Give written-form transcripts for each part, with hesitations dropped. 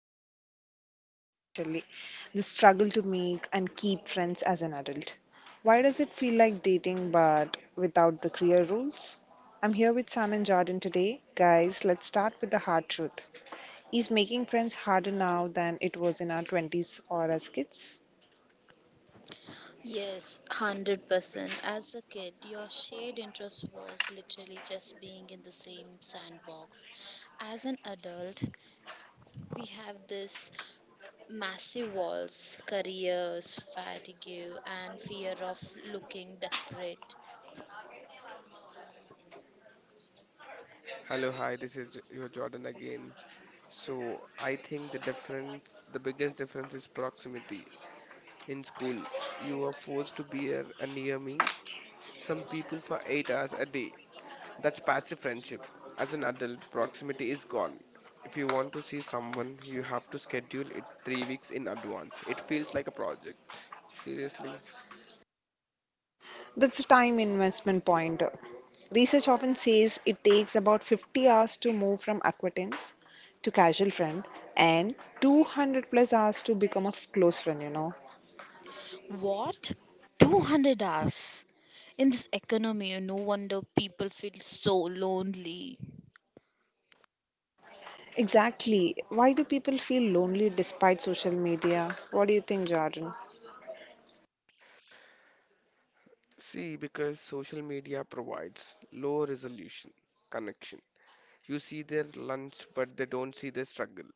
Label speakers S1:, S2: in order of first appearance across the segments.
S1: that hits everyone eventually, the struggle to make and keep friends as an adult. Why does it feel like dating but without the clear rules? I'm here with Sam and Jordan today. Guys, let's start with the hard truth. Is making friends harder now than it was in our 20s or as kids?
S2: Yes, 100%. As a kid, your shared interest was literally just being in the same sandbox. As an adult, we have this massive walls, careers, fatigue, and fear of looking desperate.
S3: Hello, hi, this is your Jordan again. So, I think the biggest difference is proximity. In school, you are forced to be here and near me, some people for 8 hours a day. That's passive friendship. As an adult, proximity is gone. If you want to see someone, you have to schedule it 3 weeks in advance. It feels like a project. Seriously.
S1: That's a time investment point. Research often says it takes about 50 hours to move from acquaintance to casual friend and 200 plus hours to become a close friend.
S2: What? 200 hours? In this economy, no wonder people feel so lonely.
S1: Exactly. Why do people feel lonely despite social media? What do you think, Jordan?
S3: See, because social media provides low resolution connection. You see their lunch, but they don't see their struggle.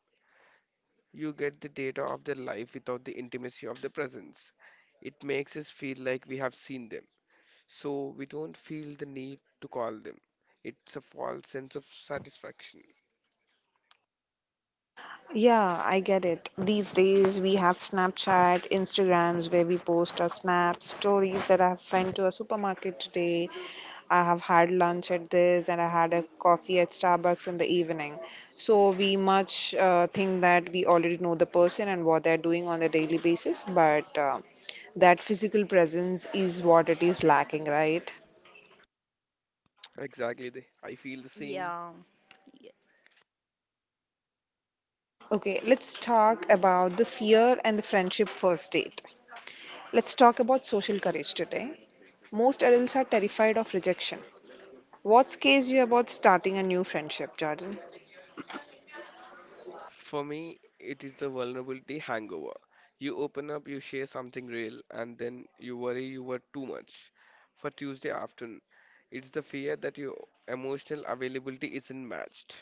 S3: You get the data of their life without the intimacy of their presence. It makes us feel like we have seen them, so we don't feel the need to call them. It's a false sense of satisfaction.
S1: Yeah, I get it. These days we have Snapchat, Instagrams where we post our snaps, stories that I have went to a supermarket today, I have had lunch at this, and I had a coffee at Starbucks in the evening. So we much think that we already know the person and what they're doing on a daily basis, but that physical presence is what it is lacking, right?
S3: Exactly, I feel the same.
S2: Yeah.
S1: Okay, let's talk about the fear and the friendship first date. Let's talk about social courage today. Most adults are terrified of rejection. What scares you about starting a new friendship, Jordan?
S3: For me, it is the vulnerability hangover. You open up, you share something real, and then you worry you were too much. For Tuesday afternoon, it's the fear that your emotional availability isn't matched.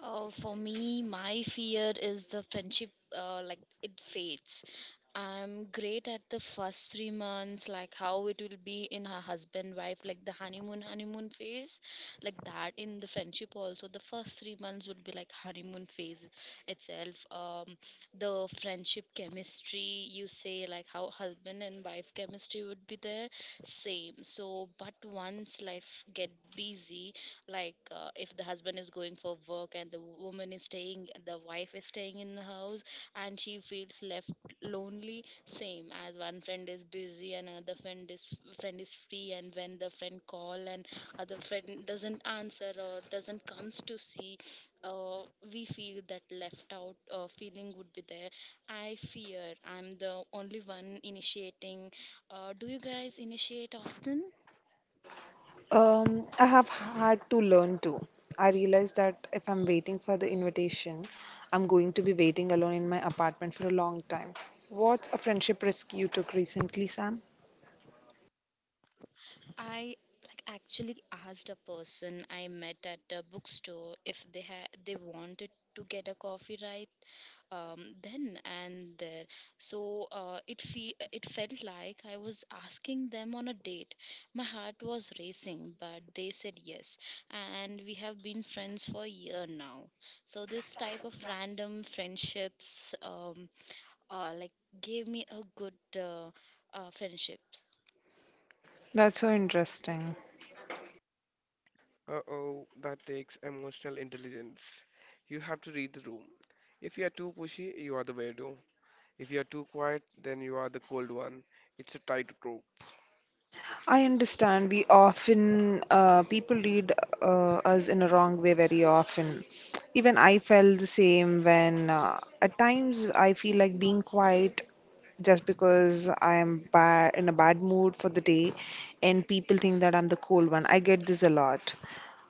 S2: For me, my fear is the friendship, like it fades. I'm great at the first 3 months, like how it will be in her husband wife, like the honeymoon phase, like that in the friendship also. The first 3 months would be like honeymoon phase itself. The friendship chemistry, you say like how husband and wife chemistry would be there, same. So, but once life get busy, like if the husband is going for work and the wife is staying in the house and she feels left lonely, same as one friend is busy and another friend is free, and when the friend call and other friend doesn't answer or doesn't comes to see, uh, we feel that left out feeling would be there. I fear I'm the only one initiating. Do you guys initiate often?
S1: I have had to learn too. I realized that if I'm waiting for the invitation, I'm going to be waiting alone in my apartment for a long time. What's a friendship risk you took recently, Sam?
S2: I like actually asked a person I met at a bookstore if they wanted to get a coffee, right? Then and there. So it felt like I was asking them on a date. My heart was racing, but they said yes, and we have been friends for a year now. So this type of random friendships like gave me a good uh, friendship.
S1: That's so interesting.
S3: Uh-oh, that takes emotional intelligence. You have to read the room. If you are too pushy, you are the weirdo. If you are too quiet, then you are the cold one. It's a tightrope.
S1: I understand. We often, people read us in a wrong way very often. Even I felt the same when at times I feel like being quiet just because I am bad in a bad mood for the day, and people think that I'm the cool one. I get this a lot.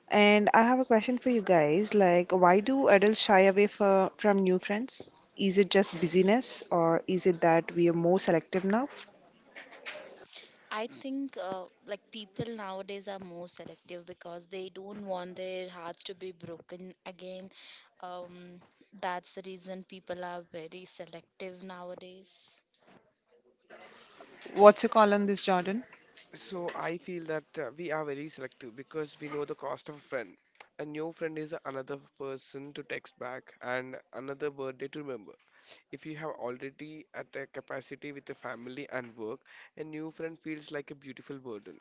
S1: And I have a question for you guys, like, why do adults shy away from new friends? Is it just busyness, or is it that we are more selective now?
S2: I think like people nowadays are more selective because they don't want their hearts to be broken again. Um, that's the reason people are very selective nowadays.
S1: What's your call on this, Jordan?
S3: So I feel that we are very selective because we know the cost of a friend. A new friend is another person to text back and another birthday to remember. If you have already at a capacity with the family and work, a new friend feels like a beautiful burden.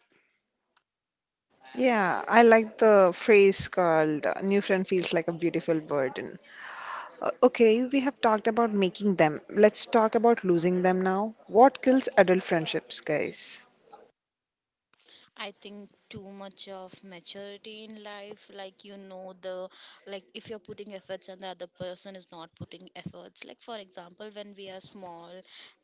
S1: Yeah, I like the phrase called new friend feels like a beautiful burden. Okay, we have talked about making them. Let's talk about losing them now. What kills adult friendships, guys?
S2: I think too much of maturity in life, like if you're putting efforts and the other person is not putting efforts. Like for example, when we are small,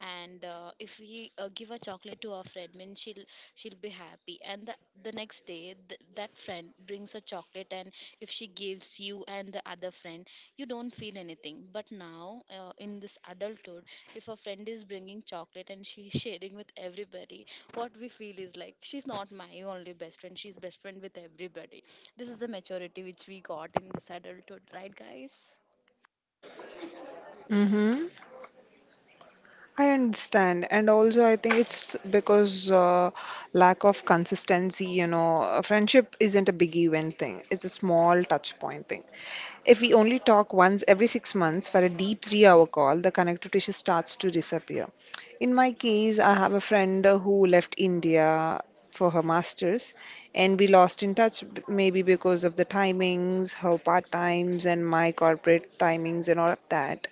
S2: and if we give a chocolate to our friend means she'll be happy, and the next day that friend brings a chocolate, and if she gives you and the other friend, you don't feel anything. But now, in this adulthood, if a friend is bringing chocolate and she's sharing with everybody, what we feel is like she's not my only best friend, she's best friend with everybody. This is the maturity which we got in this adulthood, right, guys?
S1: Mm-hmm. I understand, and also I think it's because lack of consistency. You know, a friendship isn't a big event thing; it's a small touch point thing. If we only talk once every 6 months for a deep three-hour call, the connective tissue starts to disappear. In my case, I have a friend who left India for her masters, and we lost in touch maybe because of the timings, her part times, and my corporate timings and all of that.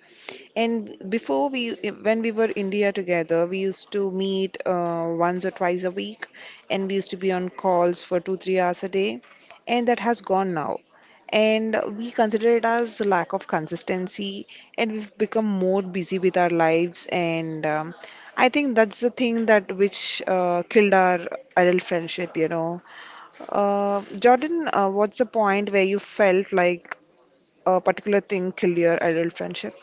S1: And when we were India together, we used to meet once or twice a week, and we used to be on calls for two, 3 hours a day, and that has gone now. And we consider it as lack of consistency, and we've become more busy with our lives. And I think that's the thing that which killed our adult friendship. Jordan, what's the point where you felt like a particular thing killed your adult friendship?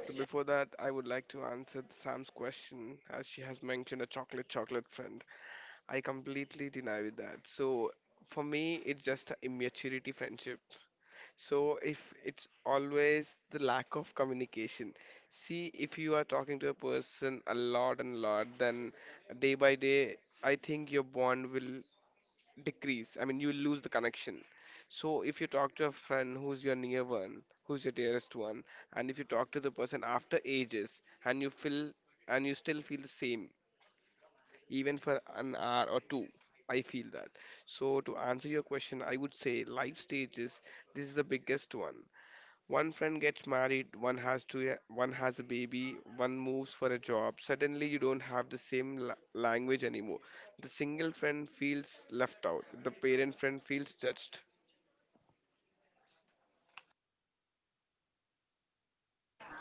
S3: So before that, I would like to answer Sam's question as she has mentioned a chocolate friend. I completely deny with that. So for me, it's just a immaturity friendship. So if it's always the lack of communication. See, if you are talking to a person a lot and lot, then day by day, I think your bond will decrease. I mean, you lose the connection. So if you talk to a friend who's your near one, who's your dearest one, and if you talk to the person after ages and you still feel the same, even for an hour or two, I feel that. So to answer your question, I would say life stages, this is the biggest one. One friend gets married, one has a baby, one moves for a job. Suddenly, you don't have the same language anymore. The single friend feels left out. The parent friend feels judged.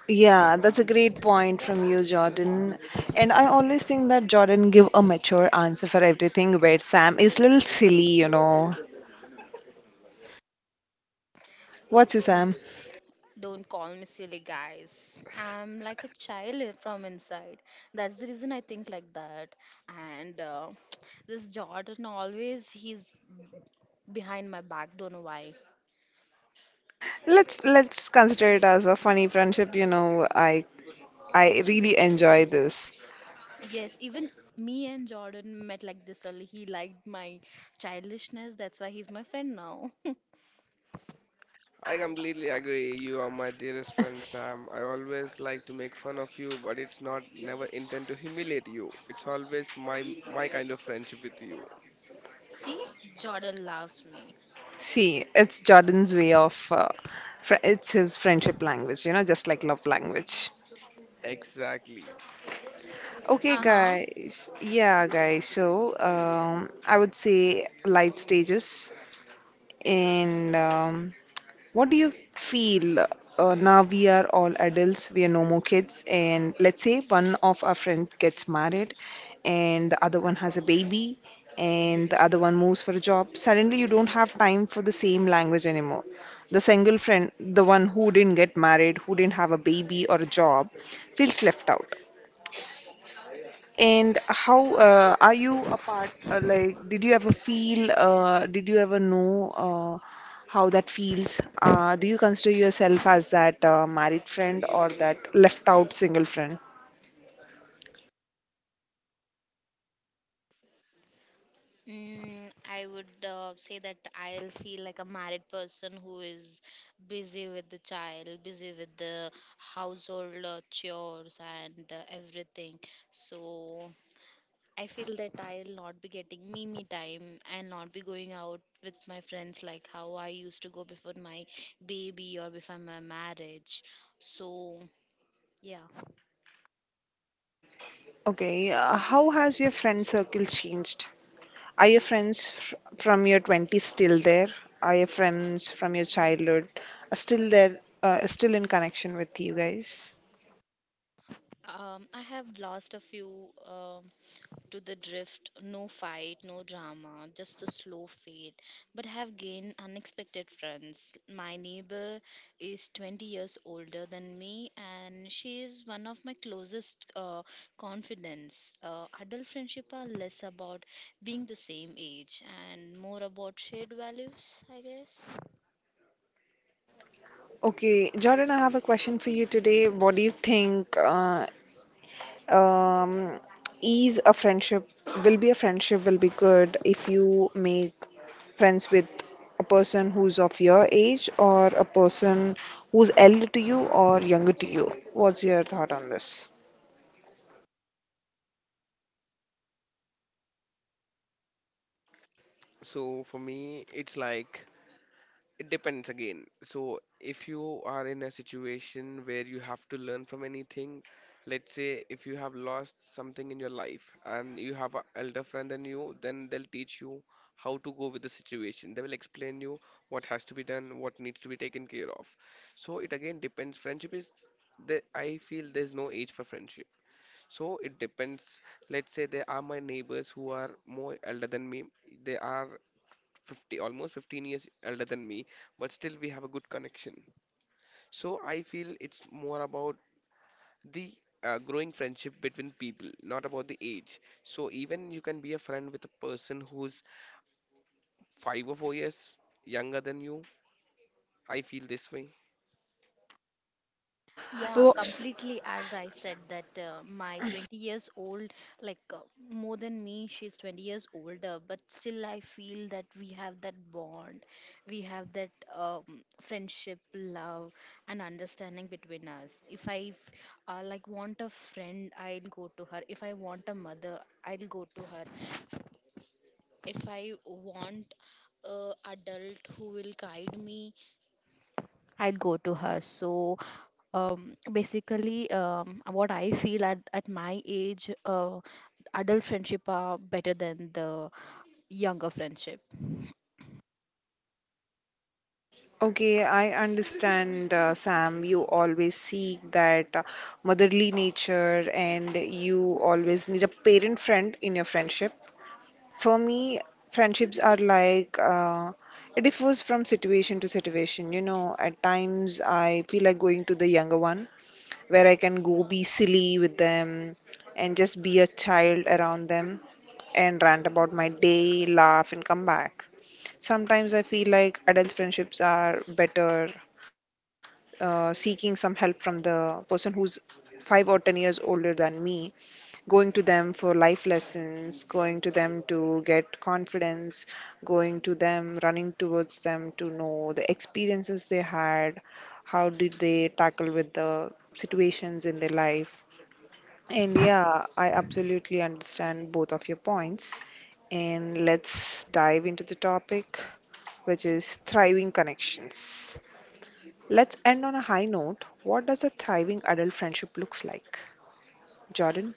S1: Yeah, that's a great point from you, Jordan. And I always think that Jordan give a mature answer for everything, where Sam is little silly, you know. What's his Sam?
S2: Don't call me silly, guys. I'm like a child from inside. That's the reason I think like that. And this Jordan always he's behind my back. Don't know why.
S1: Let's consider it as a funny friendship, you know. I really enjoy this.
S2: Yes, even me and Jordan met like this early. He liked my childishness. That's why he's my friend now.
S3: I completely agree. You are my dearest friend, Sam. I always like to make fun of you, but it's not never intend to humiliate you. It's always my kind of friendship with you.
S2: See, Jordan loves me.
S1: See, it's Jordan's way of fr it's his friendship language, you know, just like love language.
S3: Exactly.
S1: Okay,
S2: Uh
S1: guys. Yeah, guys. So, I would say life stages and what do you feel, now we are all adults, we are no more kids, and let's say one of our friends gets married and the other one has a baby and the other one moves for a job. Suddenly, you don't have time for the same language anymore. The single friend, the one who didn't get married, who didn't have a baby or a job, feels left out. And how are you apart? Like, did you ever feel? Did you ever know uh, how that feels? Do you consider yourself as that married friend or that left out single friend?
S2: I would say that I'll feel like a married person who is busy with the child, busy with the household chores, and everything. So I feel that I'll not be getting me time and not be going out with my friends like how I used to go before my baby or before my marriage. So yeah,
S1: Okay, how has your friend circle changed? Are your friends fr from your 20s still there? Are your friends from your childhood still there, still in connection with you guys?
S2: I have lost a few to the drift, no fight, no drama, just the slow fade, but have gained unexpected friends. My neighbor is 20 years older than me, and she is one of my closest confidants. Adult friendship are less about being the same age and more about shared values, I guess.
S1: Okay, Jordan, I have a question for you today. What do you think? Um, is a friendship will be good if you make friends with a person who's of your age or a person who's elder to you or younger to you. What's your thought on this?
S3: So for me, it's like it depends again. So, if you are in a situation where you have to learn from anything, let's say if you have lost something in your life and you have an elder friend than you, then they'll teach you how to go with the situation. They will explain you what has to be done, what needs to be taken care of. So, it again depends. Friendship is there, I feel there's no age for friendship. So it depends. Let's say there are my neighbors who are more elder than me. They are 50, almost 15 years elder than me, but still we have a good connection. So I feel it's more about the growing friendship between people, not about the age. So even you can be a friend with a person who's 5 or 4 years younger than you. I feel this way.
S2: Yeah,
S1: Oh,
S2: completely. As I said, that my 20 years old, like more than me, she's 20 years older, but still I feel that we have that bond, we have that friendship, love, and understanding between us. If I like want a friend, I'll go to her. If I want a mother, I'll go to her. If I want a adult who will guide me, I'll go to her. So basically, what I feel at, my age, adult friendship are better than the younger friendship.
S1: okay, I understand, Sam. You always seek that motherly nature, and you always need a parent friend in your friendship. For me, friendships are like, it differs from situation to situation. You know, at times I feel like going to the younger one where I can go be silly with them and just be a child around them and rant about my day, laugh, and come back. Sometimes I feel like adult friendships are better, seeking some help from the person who's 5 or 10 years older than me, going to them for life lessons, going to them to get confidence, going to them, running towards them to know the experiences they had, how did they tackle with the situations in their life. And yeah, I absolutely understand both of your points. And let's dive into the topic, which is thriving connections. Let's end on a high note. What does a thriving adult friendship looks like? Jordan?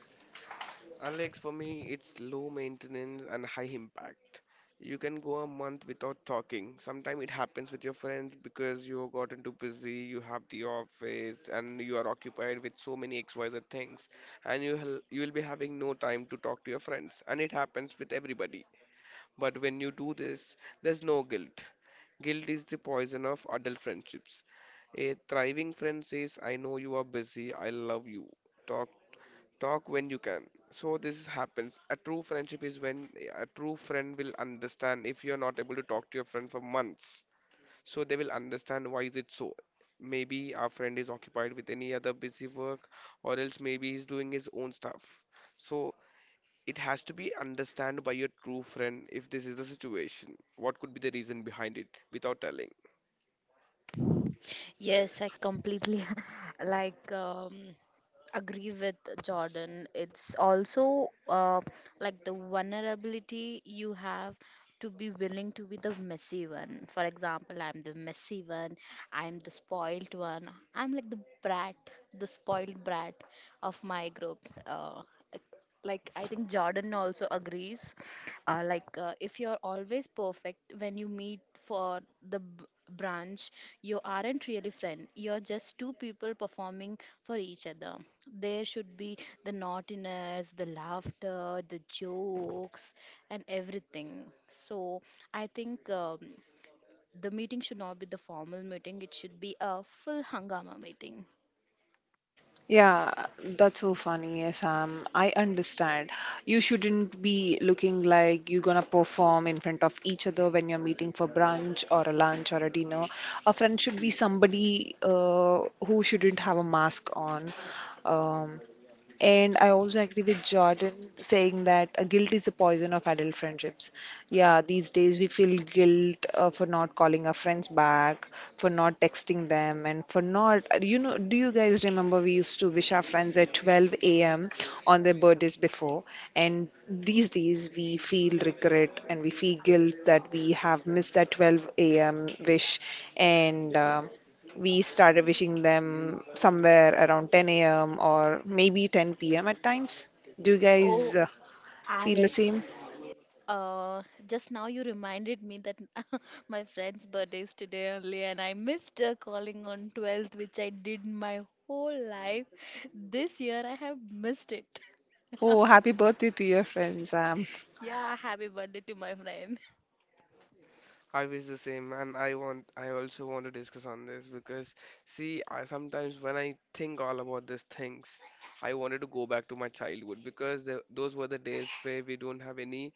S3: Alex, for me, it's low maintenance and high impact. You can go a month without talking. Sometimes it happens with your friends because you have gotten too busy, you have the office, and you are occupied with so many XYZ things, and you will be having no time to talk to your friends. And it happens with everybody. But when you do this, there's no guilt. Guilt is the poison of adult friendships. A thriving friend says, I know you are busy, I love you. Talk Talk when you can. So this happens. A true friendship is when a true friend will understand if you are not able to talk to your friend for months. So they will understand why is it so. Maybe our friend is occupied with any other busy work or else maybe he's doing his own stuff. So it has to be understood by your true friend if this is the situation. What could be the reason behind it without telling?
S2: Yes, I completely like agree with Jordan. It's also like the vulnerability you have to be willing to be the messy one. For example, I'm the messy one. I'm the spoiled one. I'm like the brat, the spoiled brat of my group. Uh, like, I think Jordan also agrees. If you're always perfect when you meet for the branch, you aren't really friend. You're just two people performing for each other. There should be the naughtiness, the laughter, the jokes, and everything. So I think the meeting should not be the formal meeting, it should be a full hangama meeting.
S1: Yeah, that's so funny, Sam. I understand. You shouldn't be looking like you're gonna perform in front of each other when you're meeting for brunch or a lunch or a dinner. A friend should be somebody who shouldn't have a mask on. Um, and I also agree with Jordan saying that guilt is the poison of adult friendships. Yeah, these days we feel guilt for not calling our friends back, for not texting them, and for not, you know, do you guys remember we used to wish our friends at 12 a.m. on their birthdays before? And these days we feel regret and we feel guilt that we have missed that 12 a.m. wish. And we started wishing them somewhere around 10 a.m. or maybe 10 p.m. at times. Do you
S2: Oh,
S1: guys feel the
S2: Alex.
S1: same?
S2: Uh, just now you reminded me that my friend's birthday is today only, and I missed her calling on 12th, which I did my whole life. This year I have missed it.
S1: Oh, happy birthday to your friends.
S2: Yeah, happy birthday to my friend.
S3: I wish the same, and I also want to discuss on this because see, I sometimes when I think all about these things, I wanted to go back to my childhood because those were the days where we don't have any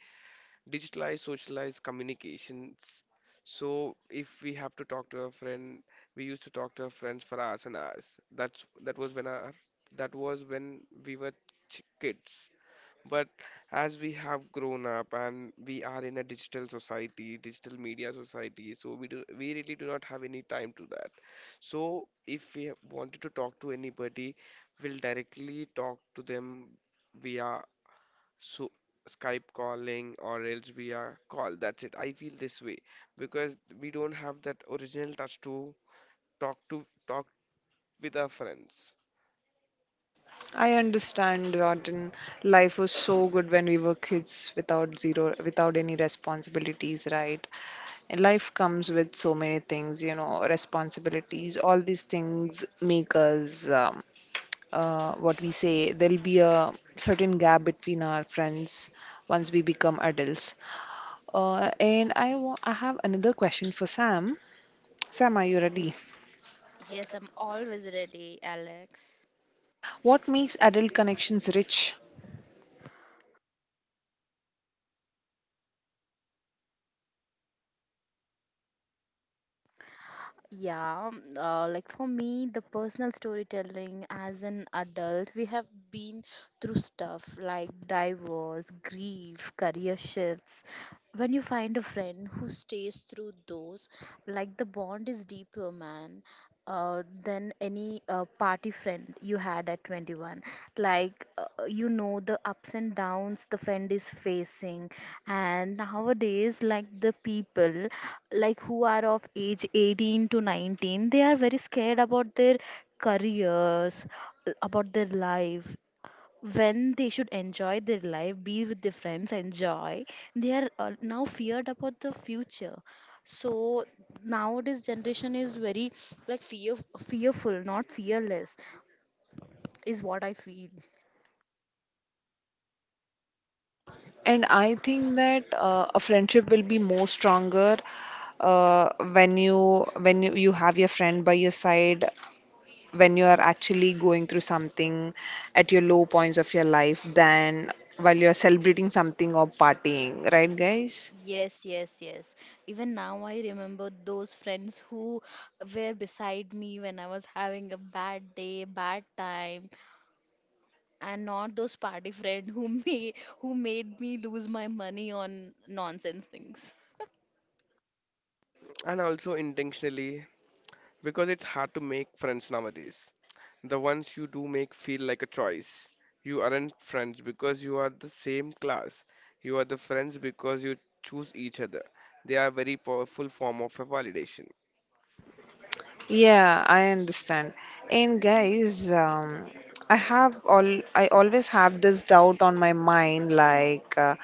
S3: digitalized, socialized communications. So if we have to talk to a friend, we used to talk to our friends for hours and hours. That was when we were ch kids. But as we have grown up and we are in a digital media society, so we really do not have any time to that. So if we wanted to talk to anybody, we'll directly talk to them via so Skype calling or else via call. That's it. I feel this way because we don't have that original touch to talk with our friends.
S1: I understand, Jordan. Life was so good when we were kids without zero, without any responsibilities, right? And life comes with so many things, you know, responsibilities. All these things make us, what we say, there'll be a certain gap between our friends once we become adults. I have another question for Sam. Sam, are you ready?
S2: Yes, I'm always ready, Alex.
S1: What makes adult connections rich?
S2: Yeah, like for me, the personal storytelling. As an adult, we have been through stuff like divorce, grief, career shifts. When you find a friend who stays through those, like the bond is deeper, man, than any party friend you had at 21. Like you know the ups and downs the friend is facing. And nowadays, like, the people, like, who are of age 18 to 19, they are very scared about their careers, about their life. When they should enjoy their life, be with their friends, enjoy, they are now feared about the future. So nowadays generation is very like fearful, not fearless, is what I feel.
S1: And and I think that a friendship will be more stronger when you have your friend by your side when you are actually going through something at your low points of your life than while you are celebrating something or partying, right, guys?
S2: Yes, yes, yes. Even now, I remember those friends who were beside me when I was having a bad day, bad time, and not those party friend who me, who made me lose my money on nonsense things.
S3: And also intentionally because it's hard to make friends nowadays. The ones you do make feel like a choice. You aren't friends because you are the same class. You are the friends because you choose each other. They are very powerful form of a validation.
S1: Yeah, I understand. And guys, I have all I always have this doubt on my mind like, uh,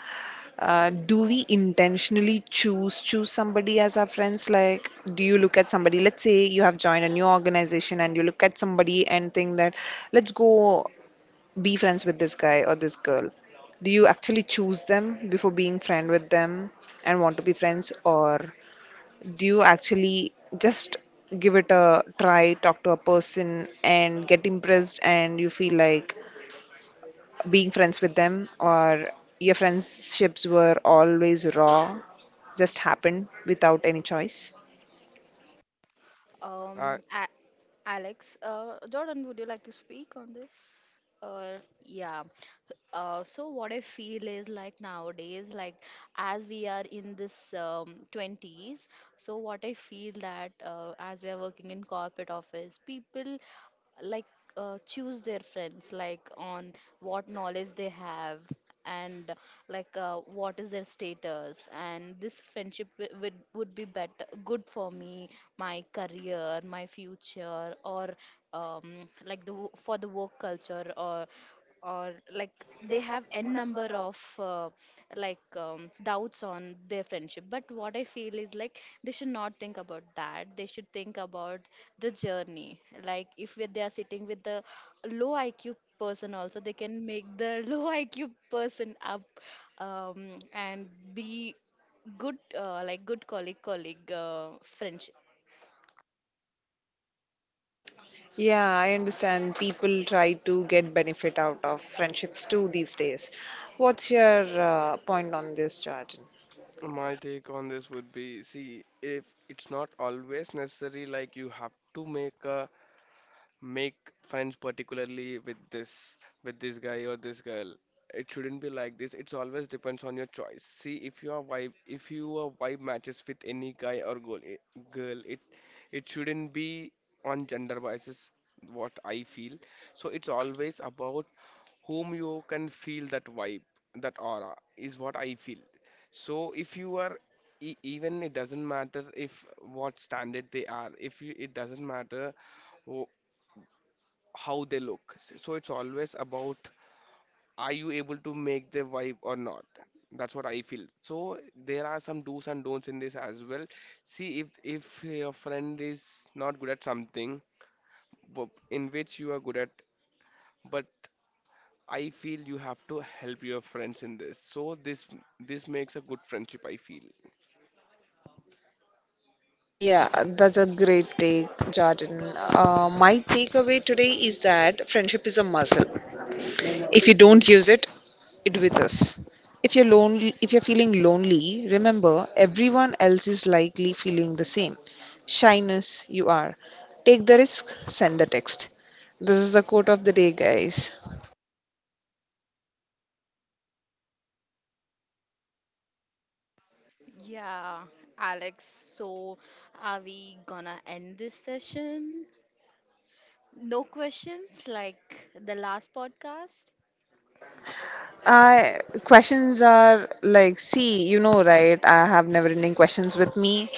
S1: uh, do we intentionally choose somebody as our friends? Like, do you look at somebody? Let's say you have joined a new organization and you look at somebody and think that let's go be friends with this guy or this girl? Do you actually choose them before being friend with them and want to be friends, or do you actually just give it a try, talk to a person and get impressed, and you feel like being friends with them, or your friendships were always raw, just happened without any choice?
S3: I,
S2: Um, A- Alex, Jordan, would you like to speak on this? Or yeah. So what I feel is like nowadays, like as we are in this 20s, so what I feel that as we are working in corporate office, people, like choose their friends like on what knowledge they have, and like what is their status, and this friendship would be better good for me, my career, my future, or like the for the work culture, or like they have n number of doubts on their friendship. But what I feel is like they should not think about that, they should think about the journey. Like if they are sitting with a low IQ person also, they can make the low IQ person up, um, and be good, like good colleague friendship.
S1: Yeah, I understand people try to get benefit out of friendships too these days. What's your point on this, Jordan?
S3: my take on this would be, see, if it's not always necessary, like you have to make friends particularly with this guy or this girl. It shouldn't be like this. It's always depends on your choice. See, if your vibe matches with any guy or girl, it it shouldn't be on gender biases, what I feel. So it's always about whom you can feel that vibe, that aura, is what I feel. So if you are even, it doesn't matter if what standard they are, if you it doesn't matter how they look. So it's always about, are you able to make the vibe or not? That's what I feel. So there are some do's and don'ts in this as well. See if your friend is not good at something in which you are good at, but I feel you have to help your friends in this. So this makes a good friendship, I feel.
S1: Yeah, that's a great take, Jordan. My takeaway today is that friendship is a muscle. If you don't use it, it withers. If you're lonely, if you're feeling lonely, remember everyone else is likely feeling the same. Shyness, you are. Take the risk, send the text. This is the quote of the day, guys.
S2: Yeah, Alex, so are we gonna end this session? No questions, like the last podcast?
S1: I questions are like, see, you know, right? I have never-ending questions with me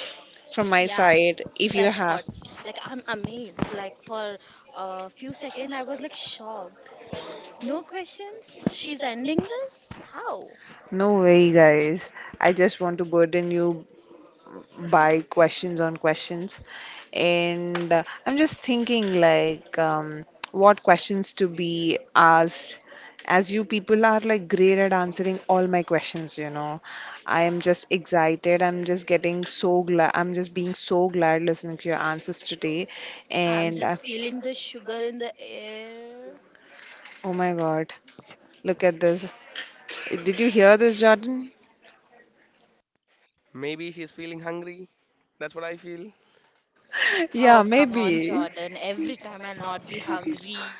S1: from my
S2: Yeah,
S1: side. If you
S2: that's
S1: have.
S2: what, like I'm amazed. Like for a few seconds I was like shocked. No questions, she's ending this, how?
S1: No way, guys. I just want to burden you by questions on questions. And I'm just thinking, like, what questions to be asked. As you people are like great at answering all my questions, you know. I am just excited. I'm just getting so glad. I'm just being so glad listening to your answers today.
S2: I'm
S1: And
S2: just feeling the sugar in the air.
S1: oh my God, look at this. Did you hear this, Jordan?
S3: Maybe she's feeling hungry. That's what I feel.
S1: Yeah,
S2: Oh, come on,
S1: maybe.
S2: Jordan. Every time I'll not be hungry.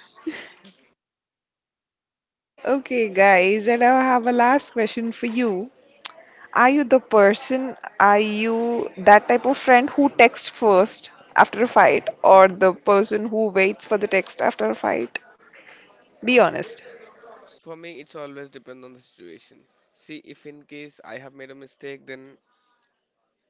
S1: Okay, guys, and I have a last question for you. Are you the person, are you that type of friend who texts first after a fight, or the person who waits for the text after a fight? Be honest.
S3: For me, it's always depend on the situation. See, if in case I have made a mistake, then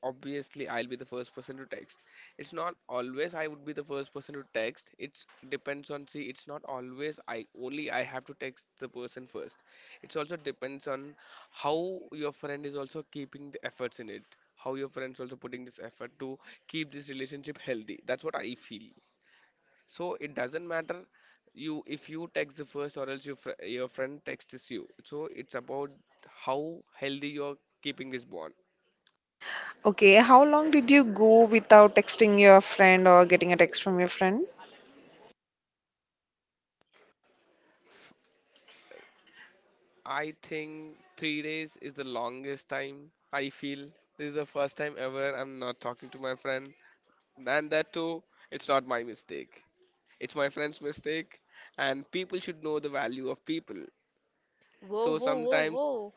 S3: obviously I'll be the first person to text. It's not always I would be the first person to text. It's depends on See, it's not always I have to text the person first. It's also depends on how your friend is also keeping the efforts in it. How your friends also putting this effort to keep this relationship healthy. That's what I feel. So it doesn't matter you if you text the first or else your your friend texts you. So it's about how healthy you're keeping this bond.
S1: Okay, how long did you go without texting your friend or getting a text from your friend?
S3: I think 3 days is the longest time, I feel. This is the first time ever I'm not talking to my friend. And that too, it's not my mistake. It's my friend's mistake. And people should know the value of people.
S2: Whoa,
S3: So
S2: whoa, whoa,
S3: sometimes,
S2: whoa.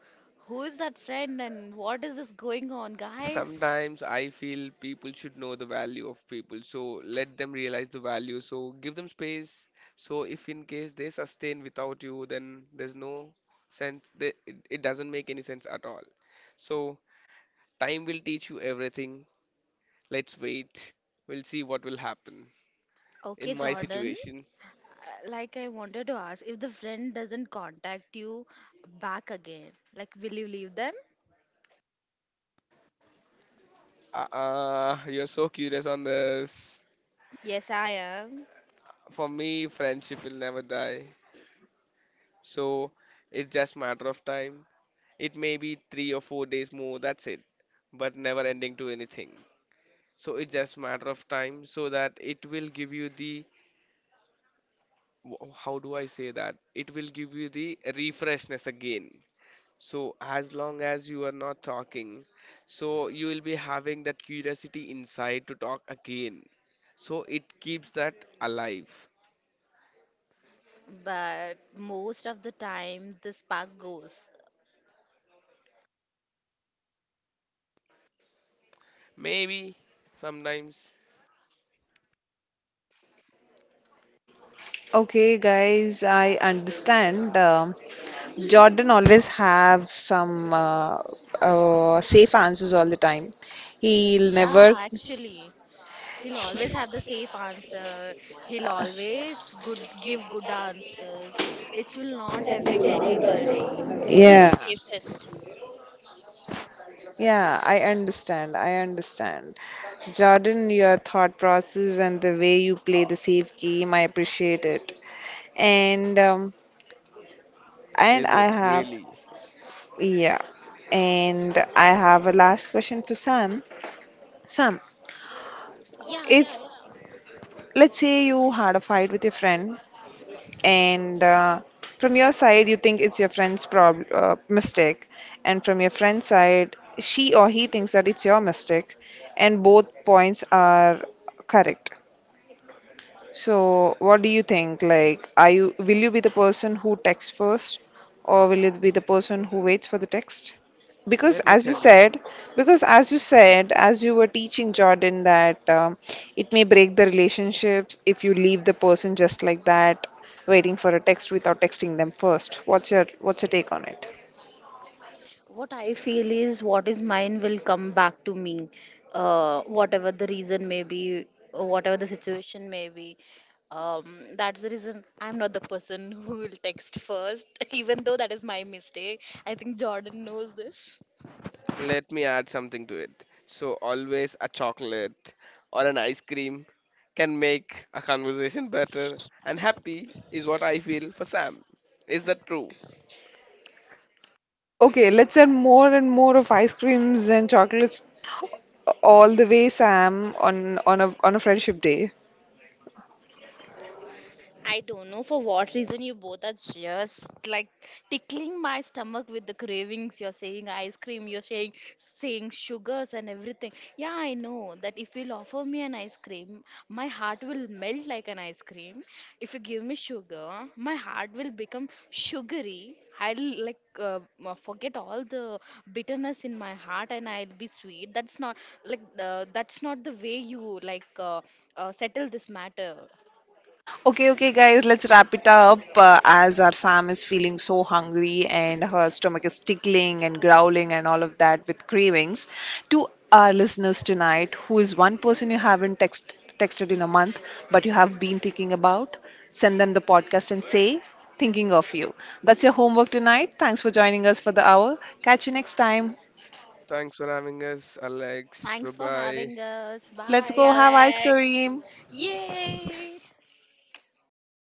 S2: Who is that friend and what is this going on, guys?
S3: sometimes I feel people should know the value of people. So let them realize the value. So give them space. So if in case they sustain without you, then there's no sense. It doesn't make any sense at all. So time will teach you everything. Let's wait. We'll see what will happen in
S2: Okay,
S3: my
S2: Jordan.
S3: situation.
S2: Like I wanted to ask, if the friend doesn't contact you back again, like will you leave them?
S3: You're so curious on this.
S2: Yes, I am.
S3: For me, friendship will never die. So it's just matter of time. It may be 3 or 4 days more. That's it. But never ending to anything. So it's just matter of time. So that it will give you the, how do I say that? It will give you the refreshness again. So, as long as you are not talking, so you will be having that curiosity inside to talk again. So, it keeps that alive.
S2: But most of the time, the spark goes.
S3: Maybe sometimes.
S1: Okay, guys, I understand. Jordan always have some safe answers all the time. He'll never.
S2: Yeah, actually. He'll always have the safe answer. He'll always good give good answers, which will not affect anybody. He's the
S1: Yeah.
S2: safest.
S1: Yeah, I understand. I understand. Jordan, your thought process and the way you play the safe game, I appreciate it. And
S3: Is
S1: I
S3: it
S1: have
S3: really?
S1: yeah, and I have a last question for Sam. Sam,
S2: Yeah, yeah,
S1: if
S2: yeah.
S1: let's say you had a fight with your friend, and from your side you think it's your friend's prob mistake, and from your friend's side she or he thinks that it's your mistake, and both points are correct. So, what do you think? Like, are you will you be the person who texts first, or will you be the person who waits for the text? Because
S3: Let me
S1: as you
S3: tell you.
S1: said, because as you said, as you were teaching Jordan that it may break the relationships if you leave the person just like that, waiting for a text without texting them first. What's your take on it?
S2: What I feel is what is mine will come back to me, whatever the reason may be, or whatever the situation may be. That's the reason I'm not the person who will text first, even though that is my mistake. I think Jordan knows this.
S3: Let me add something to it. So, always a chocolate or an ice cream can make a conversation better and happy, is what I feel for Sam. Is that true?
S1: Okay, let's add more and more of ice creams and chocolates all the way, Sam, on a friendship day.
S2: I don't know for what reason you both are just like tickling my stomach with the cravings. You're saying ice cream, you're saying sugars and everything. Yeah, I know that if you'll offer me an ice cream, my heart will melt like an ice cream. If you give me sugar, my heart will become sugary. I'll like forget all the bitterness in my heart and I'll be sweet. That's not like, that's not the way you like settle this matter.
S1: Okay, okay, guys, let's wrap it up as our Sam is feeling so hungry and her stomach is tickling and growling and all of that with cravings. To our listeners tonight, who is one person you haven't texted in a month but you have been thinking about, send them the podcast and say, thinking of you. That's your homework tonight. Thanks for joining us for the hour. Catch you next time.
S3: Thanks for having us, Alex.
S2: Thanks for
S3: Bye
S2: having us.
S1: Let's
S2: Bye,
S1: go have ice
S2: Alex.
S1: cream.
S3: bye.
S2: Yay!